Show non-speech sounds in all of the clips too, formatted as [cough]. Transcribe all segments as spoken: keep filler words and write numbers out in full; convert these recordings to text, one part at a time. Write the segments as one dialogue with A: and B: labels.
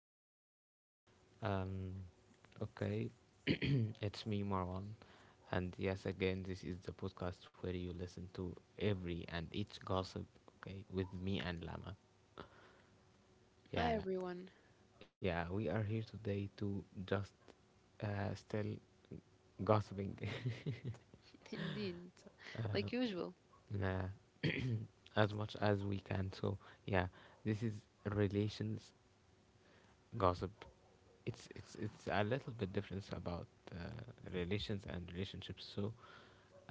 A: How are you? Um, okay, [clears throat] it's me, Marwan, and yes, again, this is the podcast where you listen to every and each gossip. Okay, with me and Lama.
B: Hi
A: Yeah,
B: everyone.
A: yeah, we are here today to just uh, still gossiping. [laughs]
B: [laughs] Indeed. Like
A: uh,
B: usual.
A: nah, [clears throat] as much as we can. So, yeah, this is relations gossip. it's it's it's a little bit difference about uh, relations and relationships, so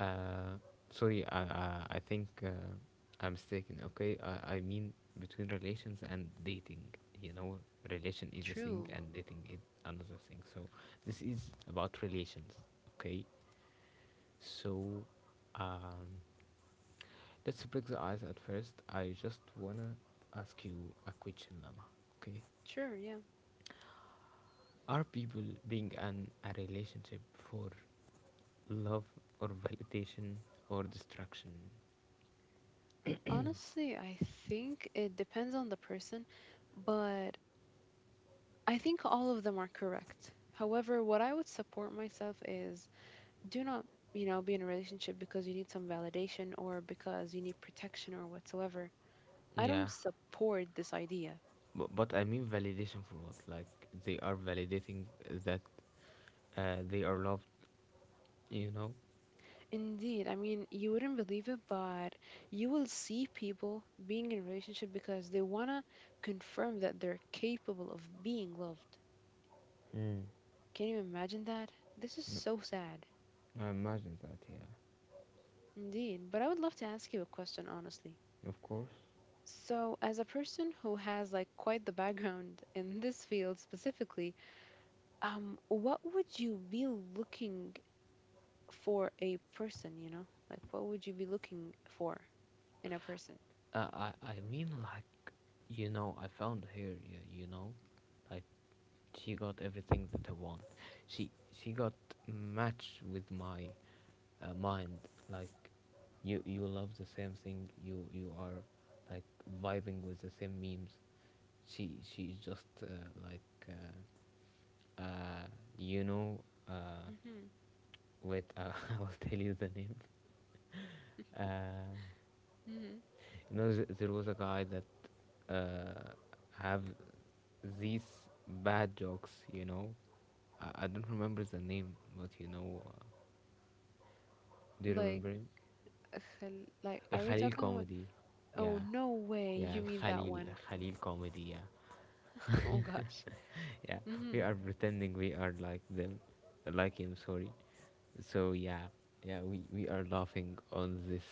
A: uh sorry i i, I think uh, I'm mistaken. Okay, I, I mean between relations and dating, you know, relation is a thing
B: True.
A: and dating is another thing. So this is about relations. Okay, so um let's break the ice. At first I just wanna ask you a question, Lama. Okay,
B: Sure, yeah.
A: are people being in a relationship for love or validation or destruction?
B: Honestly, I think it depends on the person, but I think all of them are correct. However, what I would support myself is do not, you know, be in a relationship because you need some validation or because you need protection or whatsoever. I don't
A: Yeah,
B: support this idea.
A: but, but I mean validation for what? Like they are validating that uh, they are loved, you know.
B: Indeed, I mean, you wouldn't believe it, but you will see people being in a relationship because they want to confirm that they're capable of being loved.
A: Mm.
B: Can you imagine that? This is
A: No,
B: so sad.
A: I imagine that, yeah.
B: Indeed, but I would love to ask you a question, honestly.
A: Of course.
B: So, as a person who has like quite the background [laughs] in this field specifically, um, what would you be looking for a person, you know? Like, what would you be looking for in a person?
A: Uh, i i mean, like, you know, I found her. You, you know, like, she got everything that I want. She she got matched with my uh, mind. Like, you you love the same thing. You you are, like, vibing with the same memes. She she's just uh, like uh, uh, you know. Uh,
B: Mm-hmm.
A: wait, uh, [laughs] I'll tell you the name. [laughs] Uh,
B: Mm-hmm.
A: you know, th- there was a guy that uh, have these bad jokes. You know, I-, I don't remember the name, but, you know, uh, do you remember him?
B: Hel- Like,
A: Al
B: are we
A: Khalil
B: talking with?
A: comedy,
B: Oh,
A: yeah,
B: no way.
A: yeah.
B: You
A: Al
B: mean that
A: Khalil,
B: one?
A: Al Khalil comedy, yeah,
B: [laughs]
A: [laughs]
B: Oh gosh.
A: yeah.
B: Hmm.
A: We are pretending we are like them, like him. Sorry. So yeah, yeah. We we are laughing on this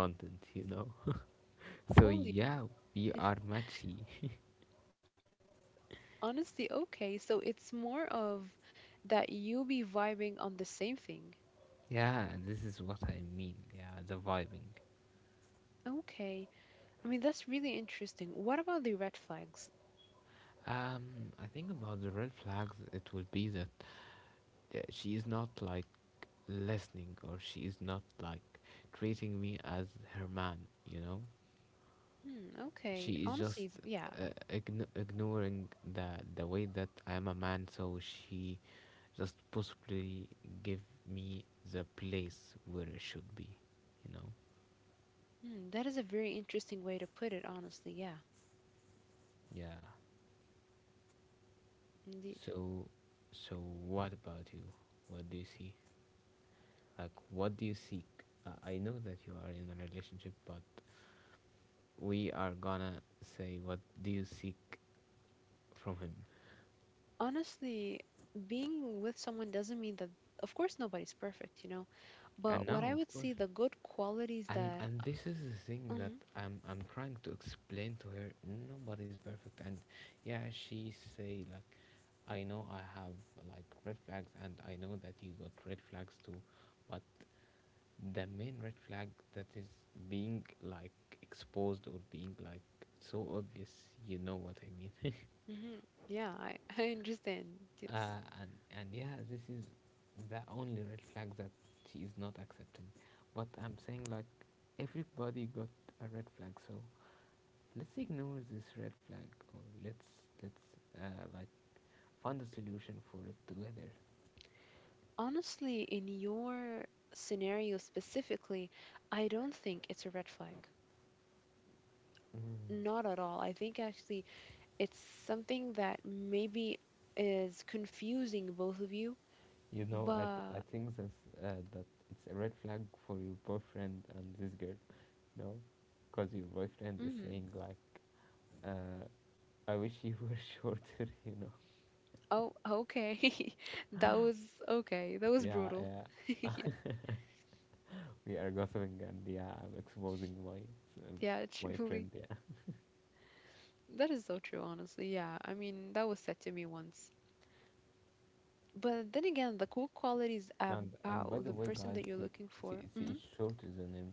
A: content, you know. [laughs] So
B: Holy.
A: yeah, we are matchy. [laughs]
B: Honestly, okay. So it's more of that you be vibing on the same thing.
A: Yeah, this is what I mean. Yeah, the vibing.
B: Okay. I mean, that's really interesting. What about the red flags?
A: Um, I think about the red flags, it will be that uh, she is not, like, listening, or she is not, like, treating me as her man, you know?
B: Hmm, okay.
A: She is
B: Honestly,
A: just
B: yeah.
A: uh, ign- ignoring the, the way that I am a man, so she just possibly give me the place where it should be, you know?
B: Hmm, that is a very interesting way to put it, honestly. Yeah,
A: Yeah.
B: indeed.
A: So, so, what about you? What do you see? Like, what do you seek? Uh, I know that you are in a relationship, but we are gonna say, what do you seek from him?
B: Honestly, being with someone doesn't mean that, of course, nobody's perfect, you know.
A: And
B: But what
A: now,
B: I
A: of
B: would
A: course,
B: see the good qualities
A: and
B: that
A: and this is the thing that
B: mhm.
A: I'm I'm trying to explain to her. Nobody's perfect, and yeah, she say like, I know I have like red flags, and I know that you got red flags too, but the main red flag that is being, like, exposed or being, like, so obvious, you know what I mean. [laughs]
B: Hmm. Yeah, I, [laughs] I understand. Yes.
A: uh, and and yeah, this is the only red flag that she is not accepting, but I'm saying, like, everybody got a red flag, so let's ignore this red flag, or let's let's uh, like, find a solution for it together.
B: Honestly, in your scenario specifically, I don't think it's a red flag.
A: Mm.
B: Not at all. I think actually it's something that maybe is confusing both of you,
A: you know i, th- I
B: but
A: think that's, uh, that it's a red flag for your boyfriend and this girl. No, because your boyfriend is
B: mm,
A: saying like, uh, I wish you were [laughs] shorter, you know.
B: oh, okay. [laughs] That was Okay. That was
A: Yeah,
B: brutal. [laughs]
A: yeah.
B: Yeah.
A: [laughs] We are gossiping and, yeah, I'm exposing my
B: Yeah,
A: my
B: truly.
A: friend. Yeah,
B: That is so true, honestly. Yeah. I mean, that was said to me once. But then again, the cool quality is
A: and and by
B: about
A: the
B: the
A: way,
B: person
A: guys,
B: that you're
A: he
B: looking
A: he,
B: for.
A: he
B: Hmm.
A: is shorter than him,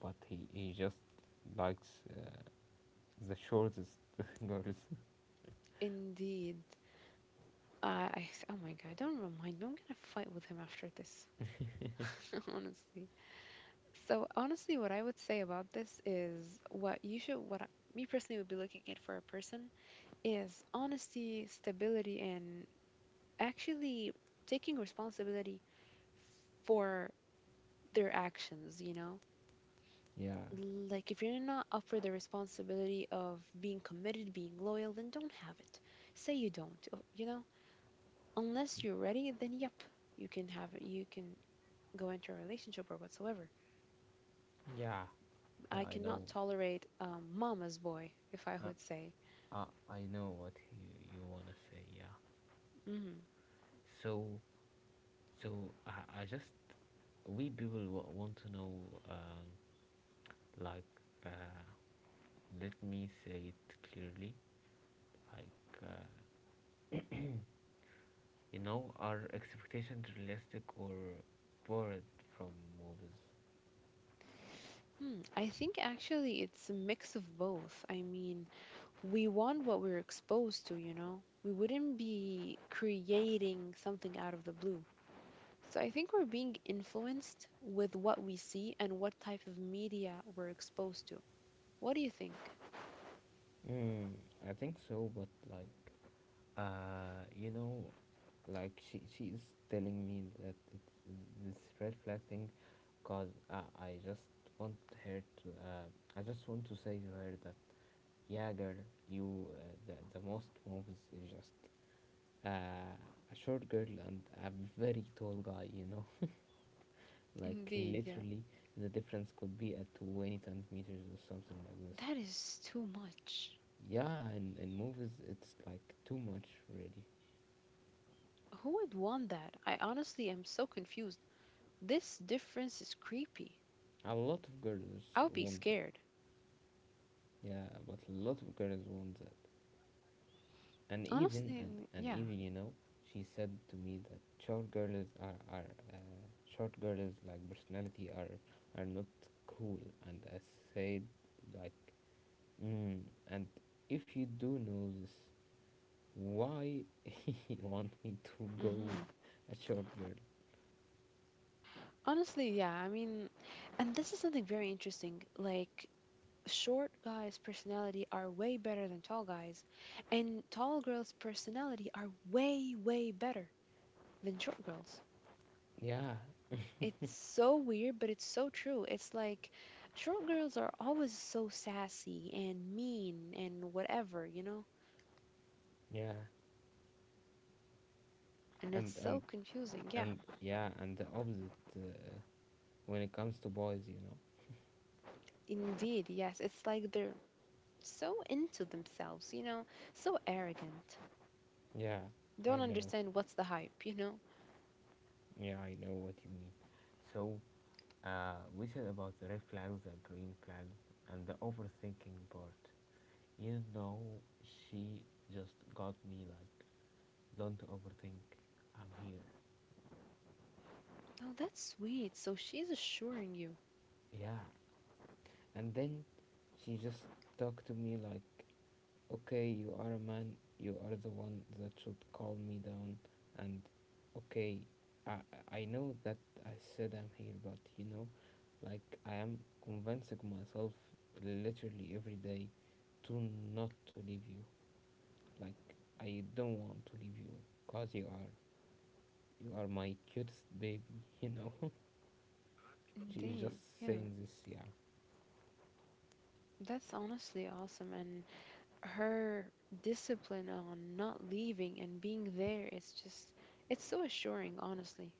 A: but he he just likes uh, the shortest [laughs] girls.
B: Indeed. I, I, s- oh my God, don't remind me. I'm gonna fight with him after this. [laughs] Honestly. So honestly, what I would say about this is what you should, what I, me personally would be looking at for a person is honesty, stability, and actually taking responsibility for their actions, you know?
A: Yeah,
B: Like if you're not up for the responsibility of being committed, being loyal, then don't have it. Say you don't, uh, you know? Unless you're ready, then yep, you can have it. You can go into a relationship or whatsoever.
A: yeah, yeah.
B: I
A: I know.
B: cannot tolerate um, mama's boy, if I
A: Uh,
B: would say.
A: uh, I know what you you wanna say. Yeah.
B: Mm.
A: So, so, I I just, we people w- want to know um like uh let me say it clearly. Like, Uh, you know, are expectations realistic or borrowed from movies?
B: Hmm. I think actually it's a mix of both. I mean, we want what we're exposed to, you know? We wouldn't be creating something out of the blue. So I think we're being influenced with what we see and what type of media we're exposed to. What do you think?
A: Mm, I think so, but, like, uh, you know, like, she she is telling me that it's this red flag thing, cause uh, I just want her to uh, I just want to say to her that, yeah, girl, you uh, the the most movies is just uh, a short girl and a very tall guy, you know. Like,
B: Indeed, yeah.
A: literally, the difference could be at twenty centimeters or something like this.
B: That is too much.
A: Yeah, and in movies, it's like too much, really.
B: Who would want that? I honestly am so confused. This difference is creepy.
A: A lot of girls
B: I would be
A: want that.
B: scared.
A: Yeah, but a lot of girls want that. And even,
B: Honestly,
A: and, and
B: yeah.
A: even, you know, she said to me that short girls are, are uh, short girls, like, personality are are not cool. And I said, like, mm, and if you do know this, why he [laughs] want me to go with
B: Hmm.
A: a short girl?
B: Honestly, yeah. I mean, and this is something very interesting. Like, short guys' personality are way better than tall guys, and tall girls' personality are way, way better than short girls.
A: Yeah,
B: It's so weird, but it's so true. It's like short girls are always so sassy and mean and whatever, you know?
A: yeah.
B: And it's
A: and
B: so
A: and
B: confusing. Yeah,
A: and yeah, and the opposite uh, when it comes to boys, you know.
B: indeed. Yes, it's like they're so into themselves, you know? So arrogant.
A: Yeah,
B: Don't
A: I know.
B: understand what's the hype, you know?
A: Yeah, I know what you mean. So uh, we said about the red flags, the green flags and the overthinking part. You know, she just got me like, don't overthink, I'm here.
B: Oh, that's sweet. So she's assuring you.
A: Yeah, and then she just talked to me like, okay, you are a man. You are the one that should calm me down. And okay, I I know that I said I'm here, but, you know, like, I am convincing myself literally every day to not to leave you. Like, I don't want to leave you, cause you are you are my cutest baby. [laughs] You know, she is
B: Indeed.
A: just
B: Yeah.
A: saying this. Yeah,
B: That's honestly awesome. And her discipline on not leaving and being there is just it's so assuring, honestly.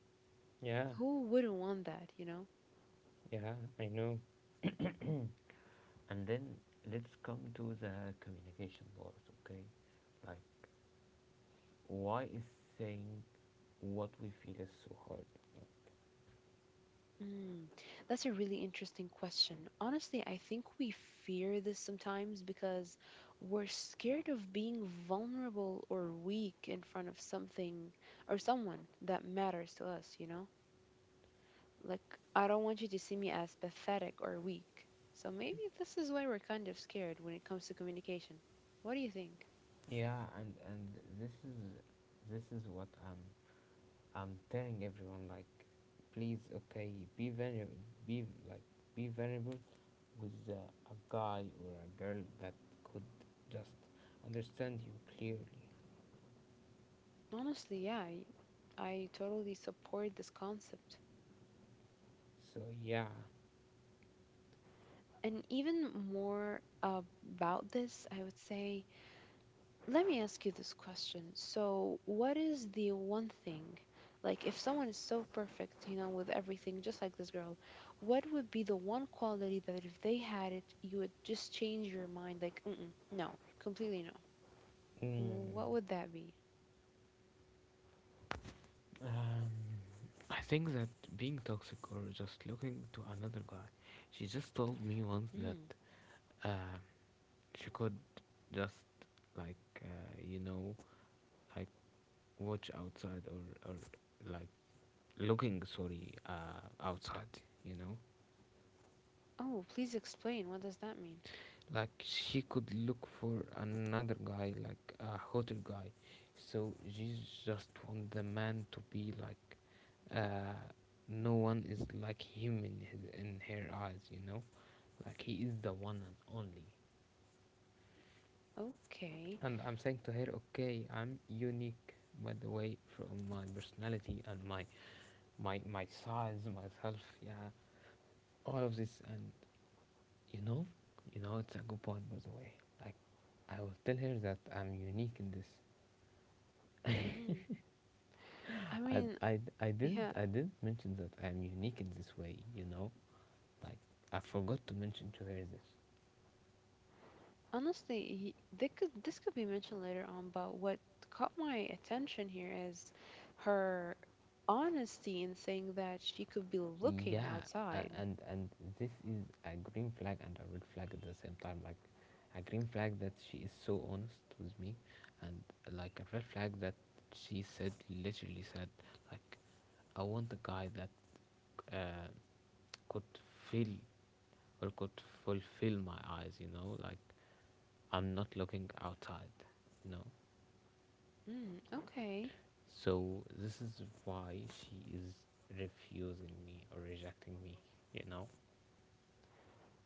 A: yeah,
B: Who wouldn't want that, you know?
A: yeah. I know. [clears throat] And then let's come to the communication part, okay? Like, why is saying what we feel is so hard?
B: mm, that's a really interesting question, honestly. I think we fear this sometimes because we're scared of being vulnerable or weak in front of something or someone that matters to us, you know? Like, I don't want you to see me as pathetic or weak, so maybe this is why we're kind of scared when it comes to communication. What do you think?
A: Yeah, and and this is this is what I'm I'm telling everyone. Like, please, okay, be vulnerable, be like be vulnerable with uh, a guy or a girl that could just understand you clearly.
B: Honestly, yeah, I, I totally support this concept.
A: So yeah.
B: And even more about this, I would say, let me ask you this question. So, what is the one thing, like if someone is so perfect, you know, with everything, just like this girl, what would be the one quality that if they had it, you would just change your mind, like, mm-mm, no, completely no?
A: Mm.
B: What would that be?
A: Um, I think that being toxic or just looking to another guy, she just told me once that
B: Hmm.
A: um she could just, like, uh, you know, like, watch outside, or or like looking, sorry, uh outside, you know.
B: Oh, please explain. What does that mean?
A: Like, she could look for another guy, like a hotter guy, so she just want the man to be like, uh no one is like him in his, in her eyes, you know, like, he is the one and only.
B: Okay.
A: And I'm saying to her, okay, I'm unique, by the way, from my personality and my my my size, myself, yeah, all of this. And, you know, you know, it's a good point, by the way, like, I will tell her that I'm unique in this.
B: Mm-hmm. I
A: I,
B: mean,
A: I, I
B: yeah.
A: didn't, I didn't mention that I'm unique in this way, you know. Like, I forgot to mention to her this.
B: Honestly, he, they could, this could be mentioned later on, but what caught my attention here is her honesty in saying that she could be looking
A: Yeah, a-
B: outside.
A: and and this is a green flag and a red flag at the same time. Like, a green flag that she is so honest with me, and, like, a red flag that she said, literally said, like, I want a guy that uh, could fill or could fulfill my eyes, you know, like, I'm not looking outside, you know.
B: Mm, okay.
A: So this is why she is refusing me or rejecting me, you know.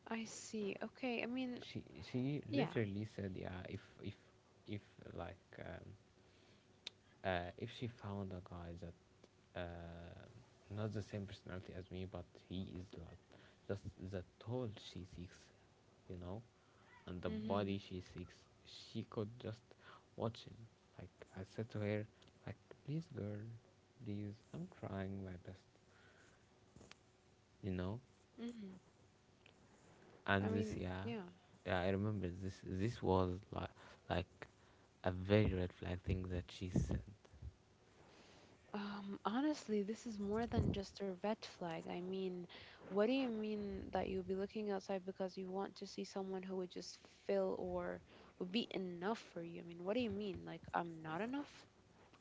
B: I see. Okay. I mean,
A: She she
B: yeah.
A: literally said, yeah, if if if, like, um, uh, if she found a guy that uh, not the same personality as me, but he is, like, just the tall she seeks, you know, and the
B: Mm-hmm.
A: body she seeks, she could just watch him. Like, I said to her, like, please, girl, please, I'm trying my best, you know.
B: Mm-hmm. I
A: And this,
B: mean,
A: yeah,
B: yeah.
A: yeah, I remember this. This was like like a very red flag thing that she said.
B: Um, honestly, this is more than just a red flag. I mean, what do you mean that you'll be looking outside because you want to see someone who would just fill or would be enough for you? I mean, what do you mean? Like, I'm not enough?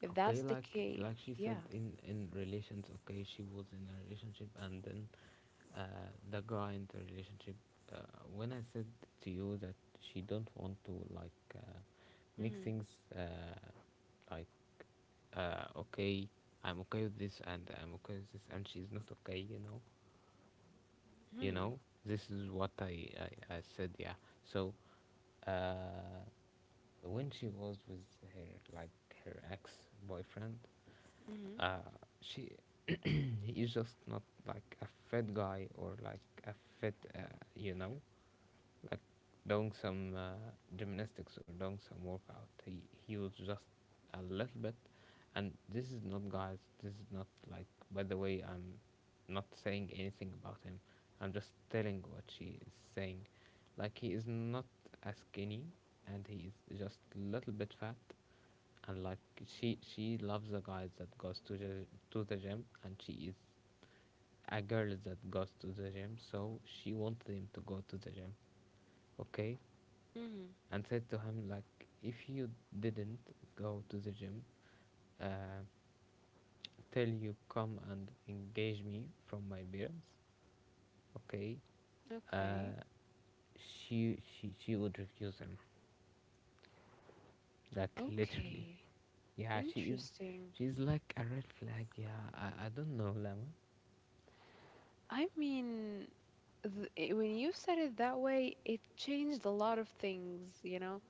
B: If
A: Okay,
B: that's the
A: like
B: case,
A: like she said
B: yeah.
A: in in relations, okay, she was in a relationship, and then uh, the guy in the relationship, uh, when I said to you that she don't want to like uh, make
B: Mm-hmm.
A: things uh, like uh, okay, I'm okay with this, and I'm okay with this, and she's not okay, you know, you
B: Mm-hmm.
A: know, this is what i i, I said, yeah. So uh when she was with her, like, her ex boyfriend,
B: Mm-hmm.
A: uh she [clears throat] he is just not like a fat guy or like a fat uh, you know, like, doing some uh, gymnastics or doing some workout. He he was just a little bit, and this is not, guys, this is not like, by the way, I'm not saying anything about him. I'm just telling what she is saying. Like, he is not as skinny, and he is just a little bit fat. And like she she loves the guys that goes to the, to the gym, and she is a girl that goes to the gym, so she wanted him to go to the gym, okay?
B: Mm-hmm.
A: And said to him, like, if you didn't go to the gym, uh, till you come and engage me from my parents, okay?
B: Okay.
A: Uh, she she she would refuse him, like, literally.
B: Okay.
A: Yeah, she is,
B: Interesting.
A: she's like a red flag. Yeah, I, I don't know, Lama.
B: I mean, th- it- when you said it that way, it changed a lot of things, you know?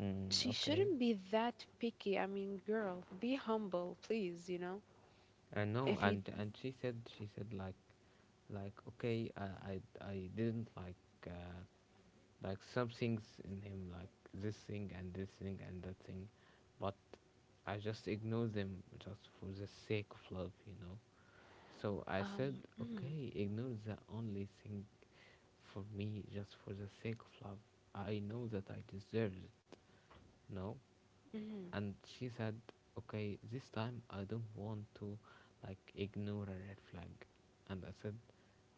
A: Mm,
B: She
A: okay.
B: shouldn't be that picky. I mean, girl, be humble, please, you know?
A: I know,
B: If you
A: and and she said she said like, like okay, I I, I didn't like uh, like some things in him like this thing and this thing and that thing, but I just ignored them just for the sake of love, you know. So I
B: um
A: said,
B: mm,
A: okay, ignore the only thing for me just for the sake of love. I know that I deserve it, you know
B: mm,
A: and she said, okay, this time I don't want to like ignore a red flag. And I said,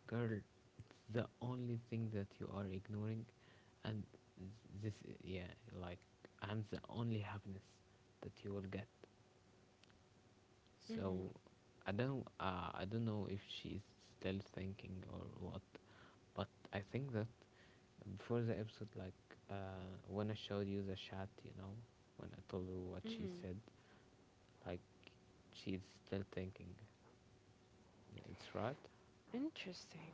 A: girl, it's the only thing that you are ignoring. And th- this i- yeah, like I'm the only happiness that you will get. So
B: mm,
A: i don't uh, i don't know if she's still thinking or what. But I think that before the episode, like uh when I showed you the chat, you know when I told you what she
B: mm,
A: said, like she's still thinking. It's right?
B: interesting.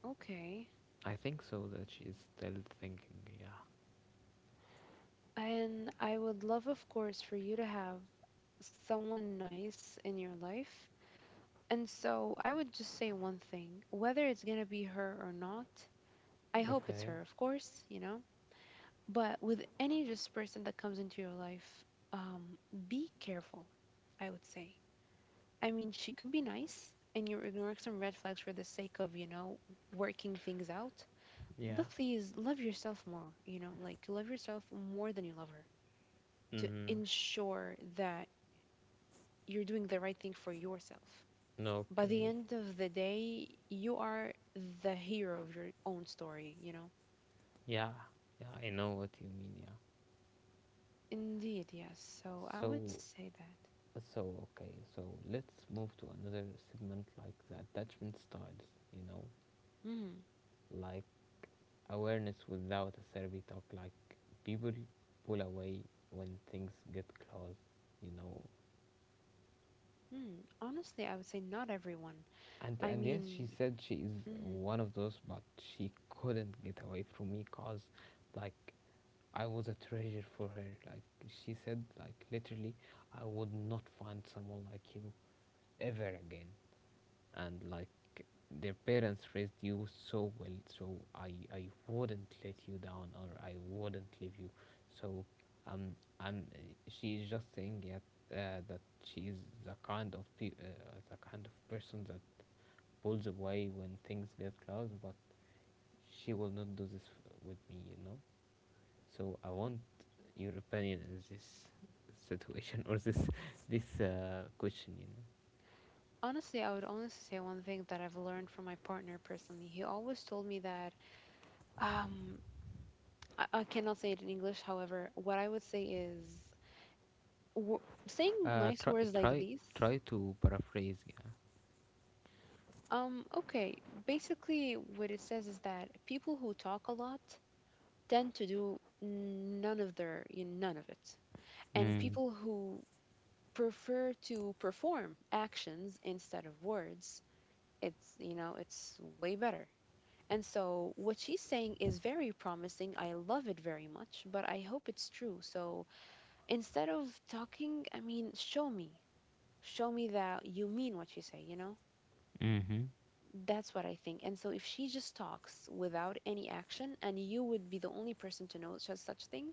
B: Okay.
A: I think so that she's still thinking, yeah.
B: And I would love, of course, for you to have someone nice in your life. And so I would just say one thing, whether it's gonna be her or not, I hope it's
A: Okay.
B: her, of course, you know? But with any just person that comes into your life, um, be careful, I would say. I mean, she could be nice and you're ignoring some red flags for the sake of, you know, working things out.
A: Yeah.
B: But please love yourself more, you know, like love yourself more than you love her to
A: Mm-hmm.
B: ensure that you're doing the right thing for yourself. By the
A: Okay.
B: end of the day, you are the hero of your own story, you know?
A: Yeah. Yeah, I know what you mean, yeah.
B: Indeed, yes. So I would
A: So
B: say that.
A: so okay, so let's move to another segment, like the attachment styles, you know,
B: Mm,
A: like awareness without a therapy talk, like people pull away when things get close, you know,
B: mm. Honestly, I would say not everyone.
A: And
B: I
A: and yes, she
B: mean,
A: said she is
B: mm,
A: one of those, but she couldn't get away from me, cause, like, I was a treasure for her. Like she said, like literally, I would not find someone like you ever again. And like, their parents raised you so well, so I I wouldn't let you down or I wouldn't leave you. So, um, I'm. She is just saying it, uh, that she is the kind of pe- uh, the kind of person that pulls away when things get close, but she will not do this f- with me, you know. So I want your opinion in this situation or this [laughs] this uh, question, you know.
B: Honestly, I would only say one thing that I've learned from my partner personally. He always told me that um, I, I cannot say it in English. However, what I would say is w- saying
A: Uh,
B: nice
A: try
B: words like
A: try
B: these.
A: try to paraphrase, yeah.
B: Um, okay, basically, what it says is that people who talk a lot tend to do none of their, you know, none of it, and
A: Mm.
B: people who prefer to perform actions instead of words, it's, you know, it's way better. And so what she's saying is very promising. I love it very much, but I hope it's true. So instead of talking, I mean, show me. Show me that you mean what you say, you know?
A: Mhm.
B: That's what I think. And so if she just talks without any action and you would be the only person to know such such thing,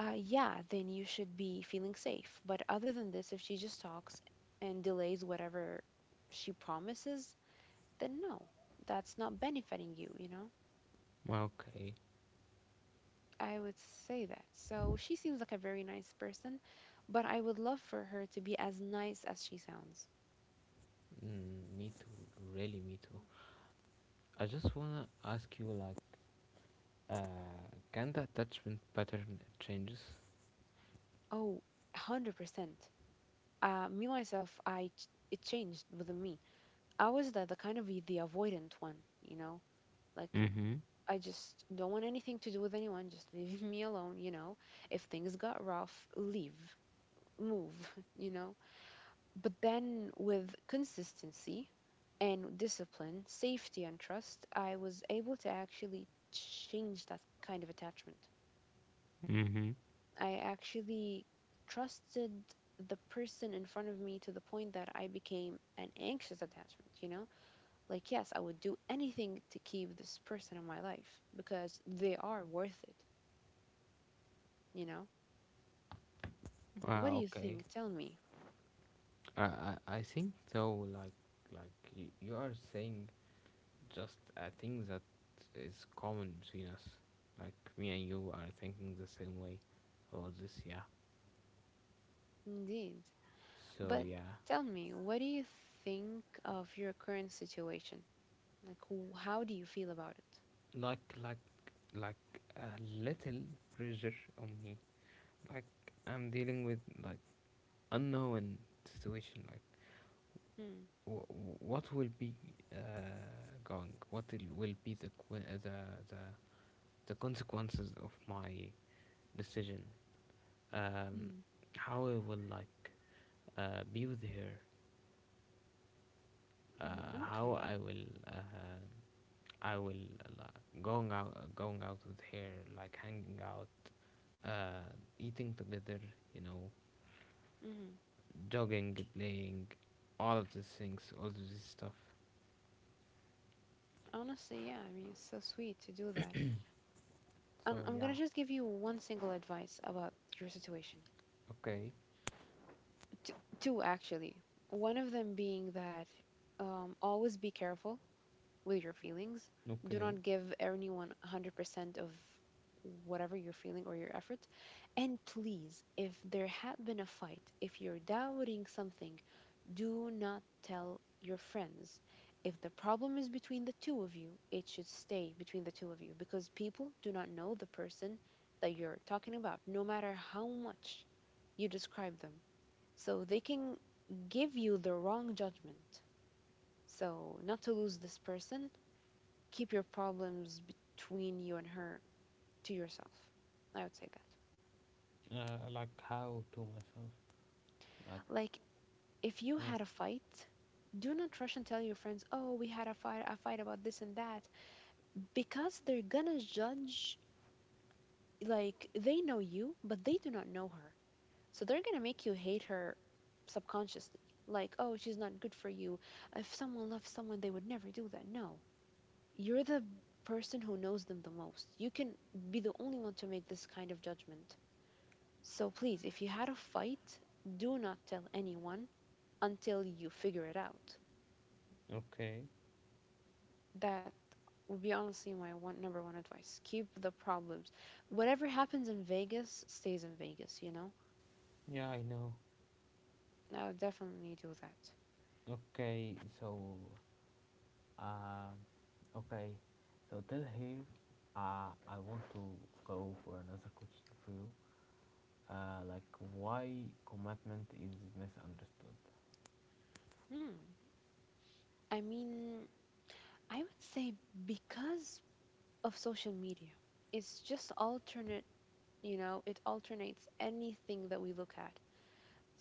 B: uh yeah, then you should be feeling safe. But other than this, if she just talks and delays whatever she promises, then no. That's not benefiting you, you know?
A: Okay.
B: I would say that. So she seems like a very nice person, but I would love for her to be as nice as she sounds.
A: Mm, me too. Really, me too. I just wanna ask you, like, uh, can the attachment pattern changes?
B: Oh, one hundred percent. Uh, me myself, I ch- it changed within me. I was the, the kind of the avoidant one, you know? Like,
A: Mm-hmm.
B: I just don't want anything to do with anyone, just leave [laughs] me alone, you know? If things got rough, leave, move, [laughs] you know? But then with consistency and discipline, safety, and trust, I was able to actually change that kind of attachment.
A: Mm-hmm.
B: I actually trusted the person in front of me to the point that I became an anxious attachment, you know? Like, yes, I would do anything to keep this person in my life because they are worth it, you know? What
A: Ah,
B: do you
A: okay.
B: think? Tell me.
A: I I I think though, like, like y- you are saying just a thing that is common between us. Like, me and you are thinking the same way about this. Yeah.
B: Indeed.
A: So
B: But
A: yeah,
B: tell me, what do you think of your current situation? Like, wh- how do you feel about it?
A: like like like a little pressure on me. Like, I'm dealing with like unknown situation. Like w- what will be uh, going? What will will be the qu- uh, the the the consequences of my decision, um,
B: Hmm.
A: how I will like uh, be with her, uh,
B: Mhm.
A: how
B: Okay.
A: I will uh, I will uh, like, going out uh, going out with her, like hanging out, uh, eating together, you know,
B: Hmm.
A: jogging, playing, all of these things, all of this stuff.
B: Honestly, yeah, I mean, it's so sweet to do that. Um,
A: So
B: I'm gonna
A: yeah,
B: just give you one single advice about your situation.
A: okay,
B: T Two, actually. One of them being that um, always be careful with your feelings. Do
A: okay,
B: not give anyone one hundred percent of whatever you're feeling or your effort. And please, if there had been a fight, if you're doubting something, do not tell your friends. If the problem is between the two of you, it should stay between the two of you because people do not know the person that you're talking about, no matter how much you describe them. So they can give you the wrong judgment. So, not to lose this person, keep your problems between you and her to yourself. I would say that.
A: uh, like how to myself, like
B: Like, if you
A: yeah,
B: had a fight, do not rush and tell your friends, oh, we had a fight, a fight about this and that. Because they're gonna judge, like, they know you but they do not know her, so they're gonna make you hate her subconsciously. Like, oh, she's not good for you. If someone loves someone, they would never do that. No, you're the person who knows them the most. You can be the only one to make this kind of judgment. So please, if you had a fight, do not tell anyone until you figure it out.
A: okay,
B: That would be honestly my one number one advice. Keep the problems. Whatever happens in Vegas stays in Vegas, you know?
A: yeah, I know,
B: I would definitely do that.
A: okay, so. Uh, okay, so till here, uh, I want to go for another question for you. Uh, like, why commitment is misunderstood.
B: Hmm. I mean, I would say because of social media, it's just alternate, you know, it alternates anything that we look at.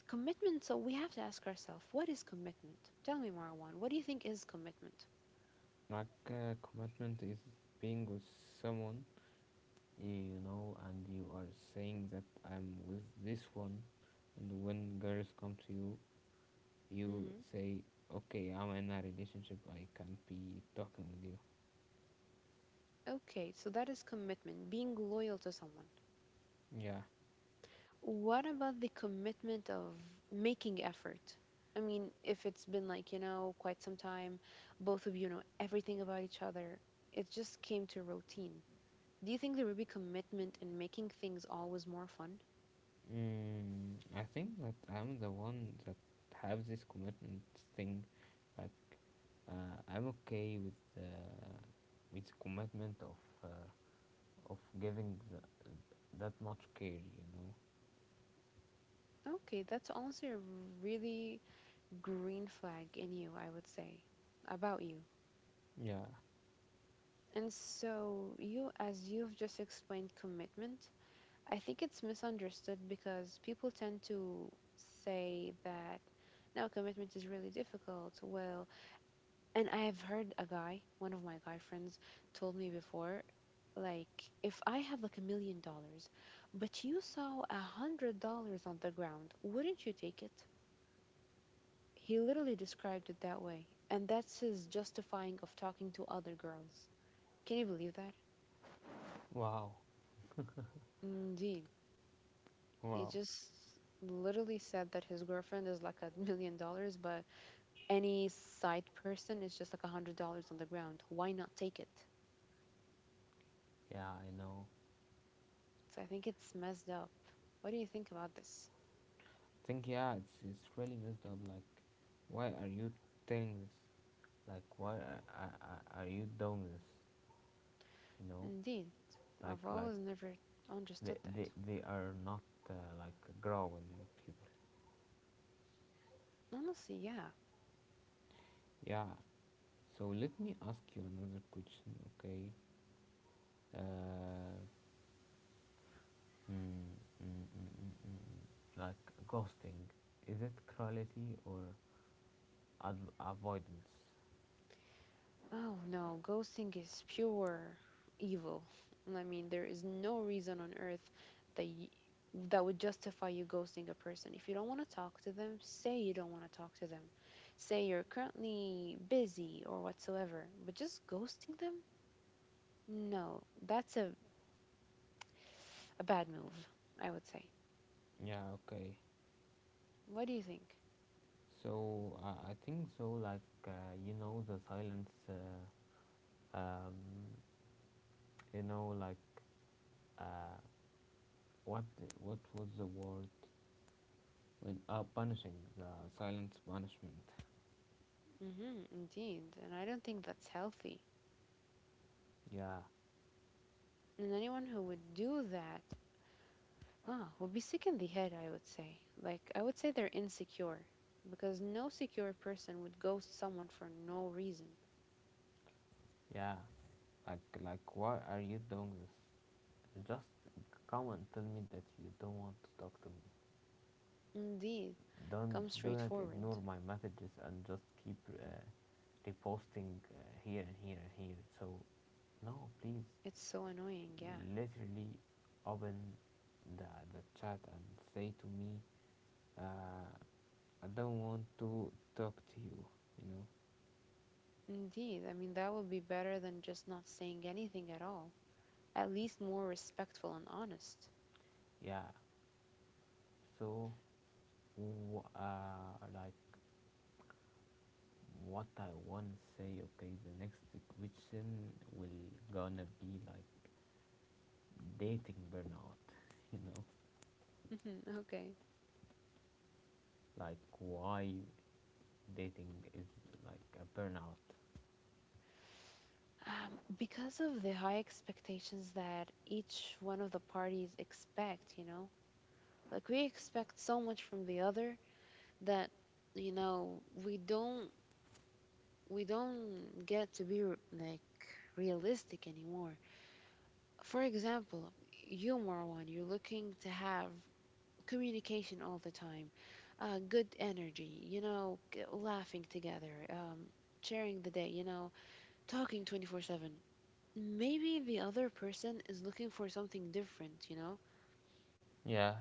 B: Commitment, so we have to ask ourselves, what is commitment? Tell me, Marwan, what do you think is commitment?
A: Like uh, commitment is being with someone, you know, and you are saying that I'm with this one, and when girls come to you, you
B: Hmm.
A: say, okay, I'm in a relationship, I can't be talking with you.
B: Okay, so that is commitment, being loyal to someone.
A: Yeah.
B: What about the commitment of making effort? I mean, if it's been, like, you know, quite some time, both of you know everything about each other, it just came to routine. Do you think there would be commitment in making things always more fun?
A: Mm, I think that I'm the one that have this commitment thing. Like uh, I'm okay with uh, with the commitment of uh, of giving the, that much care. You know.
B: Okay, that's honestly a really green flag in you, I would say, about you.
A: Yeah.
B: And so, you, as you've just explained commitment, I think it's misunderstood because people tend to say that now commitment is really difficult. Well, and I have heard a guy, one of my guy friends, told me before, like, if I have like a million dollars, but you saw a hundred dollars on the ground, wouldn't you take it? He literally described it that way. And that's his justifying of talking to other girls. Can you believe that?
A: Wow.
B: Indeed. He
A: Wow.
B: just literally said that his girlfriend is like a million dollars, but any side person is just like a hundred dollars on the ground. Why not take it?
A: Yeah, I know.
B: So I think it's messed up. What do you think about this?
A: Think yeah, it's it's really messed up. Like, why are you telling this? Like, why are, are, are are you doing this? You know,
B: Indeed, I've
A: like like
B: always never
A: they
B: understood that.
A: they, they are not uh, like growing people.
B: Honestly, yeah.
A: Yeah. So let me ask you another question, okay? Uh, mm, mm, mm, mm, mm. mm. Like, ghosting, is it cruelty or ad- avoidance?
B: Oh no, ghosting is pure evil. I mean, there is no reason on earth that y that would justify you ghosting a person. If you don't want to talk to them, say you don't want to talk to them. Say you're currently busy or whatsoever, but just ghosting them? No, that's a, a bad move, I would say.
A: Yeah, okay.
B: What do you think?
A: So uh, I think so, like, uh, you know, the silence, uh, um, you know, like, uh, what, what was the word? When, uh, punishing, the silence punishment.
B: Mm-hmm, indeed. And I don't think that's healthy.
A: Yeah,
B: And anyone who would do that, Ah, would be sick in the head, I would say. Like, I would say they're insecure because no secure person would ghost someone for no reason.
A: yeah. Like, like, why are you doing this? Just come and tell me that you don't want to talk to me.
B: Indeed,
A: Don't
B: come
A: do
B: straight
A: not
B: forward.
A: ignore my messages and just keep uh, reposting uh, here and here and here. So no, please,
B: It's so annoying, yeah.
A: literally open the the chat and say to me, uh, I don't want to talk to you. You know,
B: Indeed, I mean, that would be better than just not saying anything at all. At least more respectful and honest.
A: yeah. So, uh, like what I want to say. Okay, the next question will gonna be like dating burnout, you know
B: [laughs] Okay.
A: like why dating is like a burnout.
B: Um, because of the high expectations that each one of the parties expect, you know? Like, we expect so much from the other that, you know, we don't we don't get to be r- like realistic anymore. For example, you Marwan, you're looking to have communication all the time, uh, good energy, you know, g- laughing together, um, sharing the day, you know, talking twenty four seven. Maybe the other person is looking for something different, you know?
A: Yeah,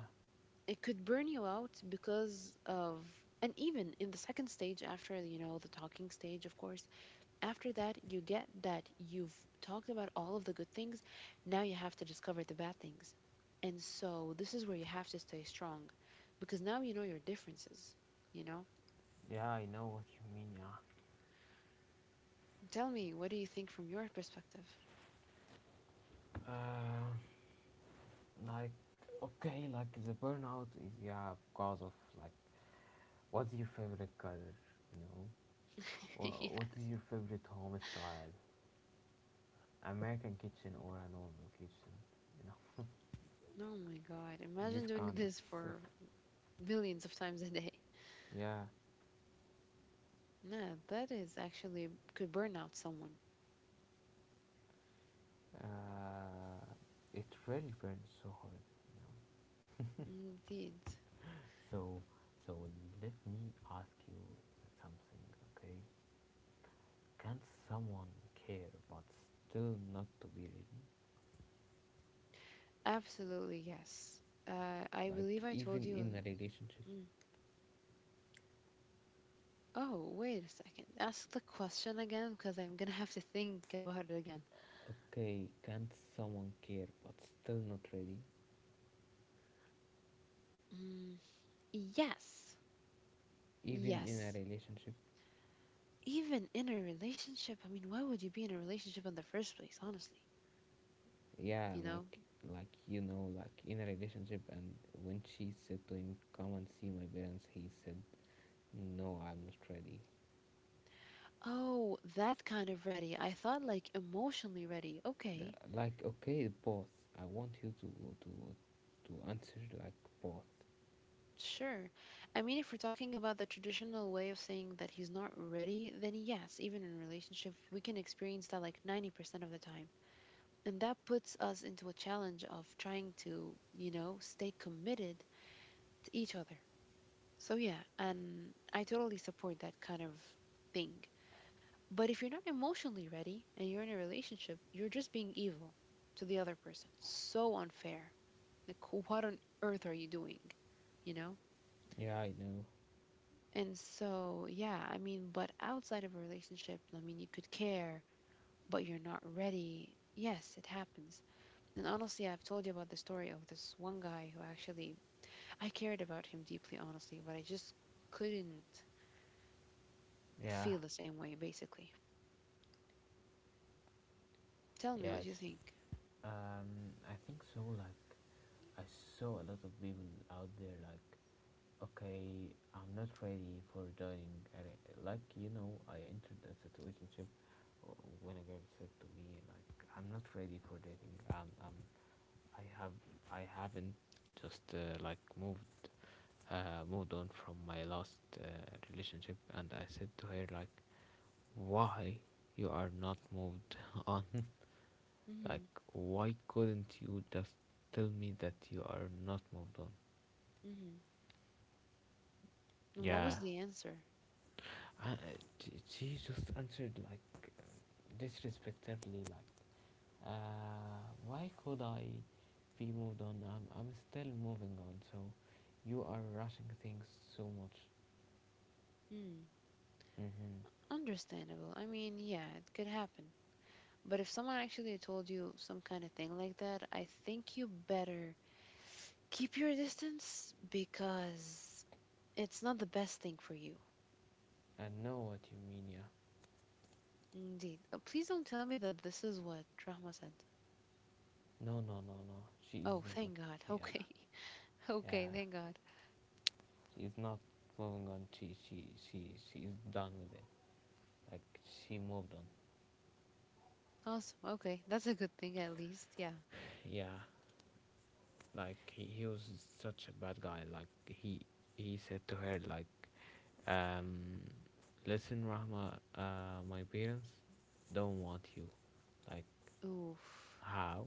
B: It could burn you out because of, and even in the second stage, after, you know, the talking stage, of course, after that you get that you've talked about all of the good things, now you have to discover the bad things, and so this is where you have to stay strong because now you know your differences, you know.
A: yeah, I know what you mean. Yeah,
B: Tell me, what do you think from your perspective?
A: uh, like okay, like the burnout is, yeah, because of like, what's your favorite color you know
B: [laughs]
A: Wha- what is
B: Yes.
A: your favorite home style, american kitchen or a normal kitchen you know
B: Oh my god,
A: [laughs] this
B: imagine doing
A: kind of
B: this
A: stuff,
B: for millions of times a day.
A: yeah,
B: Yeah, that is actually, could burn out someone.
A: uh, it really burns so hard you know
B: Indeed.
A: So, so let me ask you something, okay? Can someone care but still not to be ready?
B: Absolutely yes. uh, I
A: Like
B: believe I told
A: even
B: you.
A: in a relationship,
B: Mm. Oh, wait a second. Ask the question again because I'm gonna have to think about it again.
A: okay? Can someone care but still not ready?
B: Mm, yes,
A: Even in a
B: yes.
A: relationship,
B: Even in a relationship, I mean, why would you be in a relationship in the first place, honestly?
A: yeah,
B: You know?
A: like like you know, like in a relationship, and when she said to him, "Come and see my parents," he said, "No, I'm not ready."
B: Oh, that kind of ready. I thought like emotionally ready.
A: Uh,
B: Okay,
A: Like okay, both. I want you to to to answer like both.
B: sure. I mean, if we're talking about the traditional way of saying that he's not ready, then yes, even in a relationship, we can experience that like ninety percent of the time. And that puts us into a challenge of trying to, you know, stay committed to each other. So, yeah, and I totally support that kind of thing. But if you're not emotionally ready and you're in a relationship, you're just being evil to the other person. So unfair. Like, what on earth are you doing? You know?
A: Yeah, I know.
B: And so, yeah, I mean, but outside of a relationship, I mean, you could care, but you're not ready. Yes, it happens. And honestly, I've told you about the story of this one guy who actually, I cared about him deeply, honestly, but I just couldn't
A: Yeah.
B: feel the same way, basically. Tell me
A: Yes.
B: what you think.
A: Um, I think so. Like, I saw a lot of people out there. Like, okay, I'm not ready for joining. And I- Like, you know, I entered a situationship w- when a girl said to me, like, I'm not ready for dating. Um, um, I have, I haven't just uh, like moved, uh, moved on from my last uh, relationship, and I said to her, like, why you are not moved [laughs] on? Like,
B: Mm-hmm.
A: why couldn't you just tell me that you are not moved on?
B: Mm-hmm. And what
A: Yeah.
B: was the answer?
A: I, j- she just answered, like, disrespectfully, like, uh, why could I be moved on? I'm, I'm still moving on, so you are rushing things so much.
B: Hmm.
A: Mm-hmm.
B: Understandable. I mean, yeah, it could happen. But if someone actually told you some kind of thing like that, I think you better keep your distance because it's not the best thing for you.
A: I know what you mean, yeah.
B: Indeed. Uh, Please don't tell me that this is what Rahma said.
A: No, no, no, no. She is
B: Oh,
A: not.
B: thank God. [laughs]
A: Yeah,
B: Okay. Okay,
A: yeah.
B: thank God.
A: She is not moving on. She, she, she, she is done with it. Like, she moved on.
B: Awesome. Okay, that's a good thing at least. Yeah.
A: Yeah. Like, he, he was such a bad guy. Like he he said to her, like, um, listen, Rahma, uh, my parents don't want you. Like,
B: Oof.
A: how?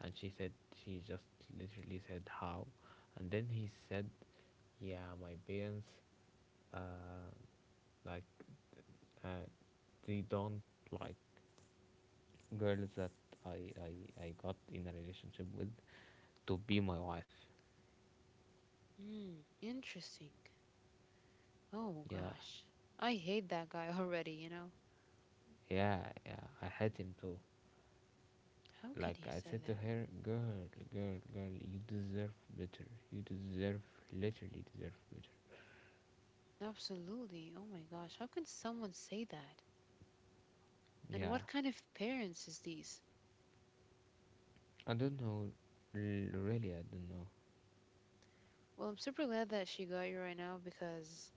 A: And she said, she just literally said how, and then he said, yeah, my parents, uh, like uh, they don't like girls that I, I I got in a relationship with to be my wife.
B: Mm, interesting. Oh
A: Yeah,
B: gosh. I hate that guy [laughs] already, you know.
A: yeah, yeah. I hate him too.
B: How can
A: Like
B: he
A: I
B: say
A: said to
B: that?
A: her, girl, girl, girl, you deserve better. You deserve, literally deserve better.
B: Absolutely. Oh my gosh. How can someone say that? And
A: Yeah.
B: what kind of parents is these?
A: I don't know. L- really, I don't know.
B: Well, I'm super glad that she got you right now because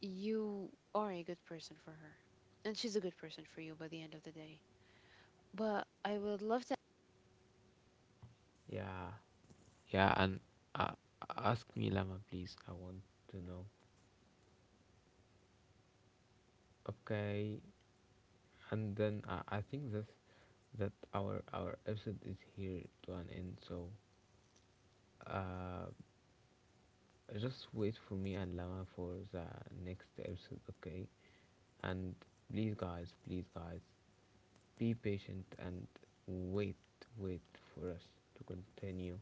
B: you are a good person for her. And she's a good person for you by the end of the day. But I would love
A: Yeah. Yeah, and uh, ask me, Lama, please. I want to know. Okay. And then uh, I think that that our our episode is here to an end. So, uh, just wait for me and Lama for the next episode, okay? And please, guys, please, guys, be patient and wait, wait for us to continue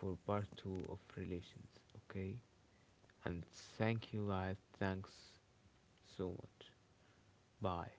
A: for part two of relations, okay? And thank you, guys. Thanks so much. Bye.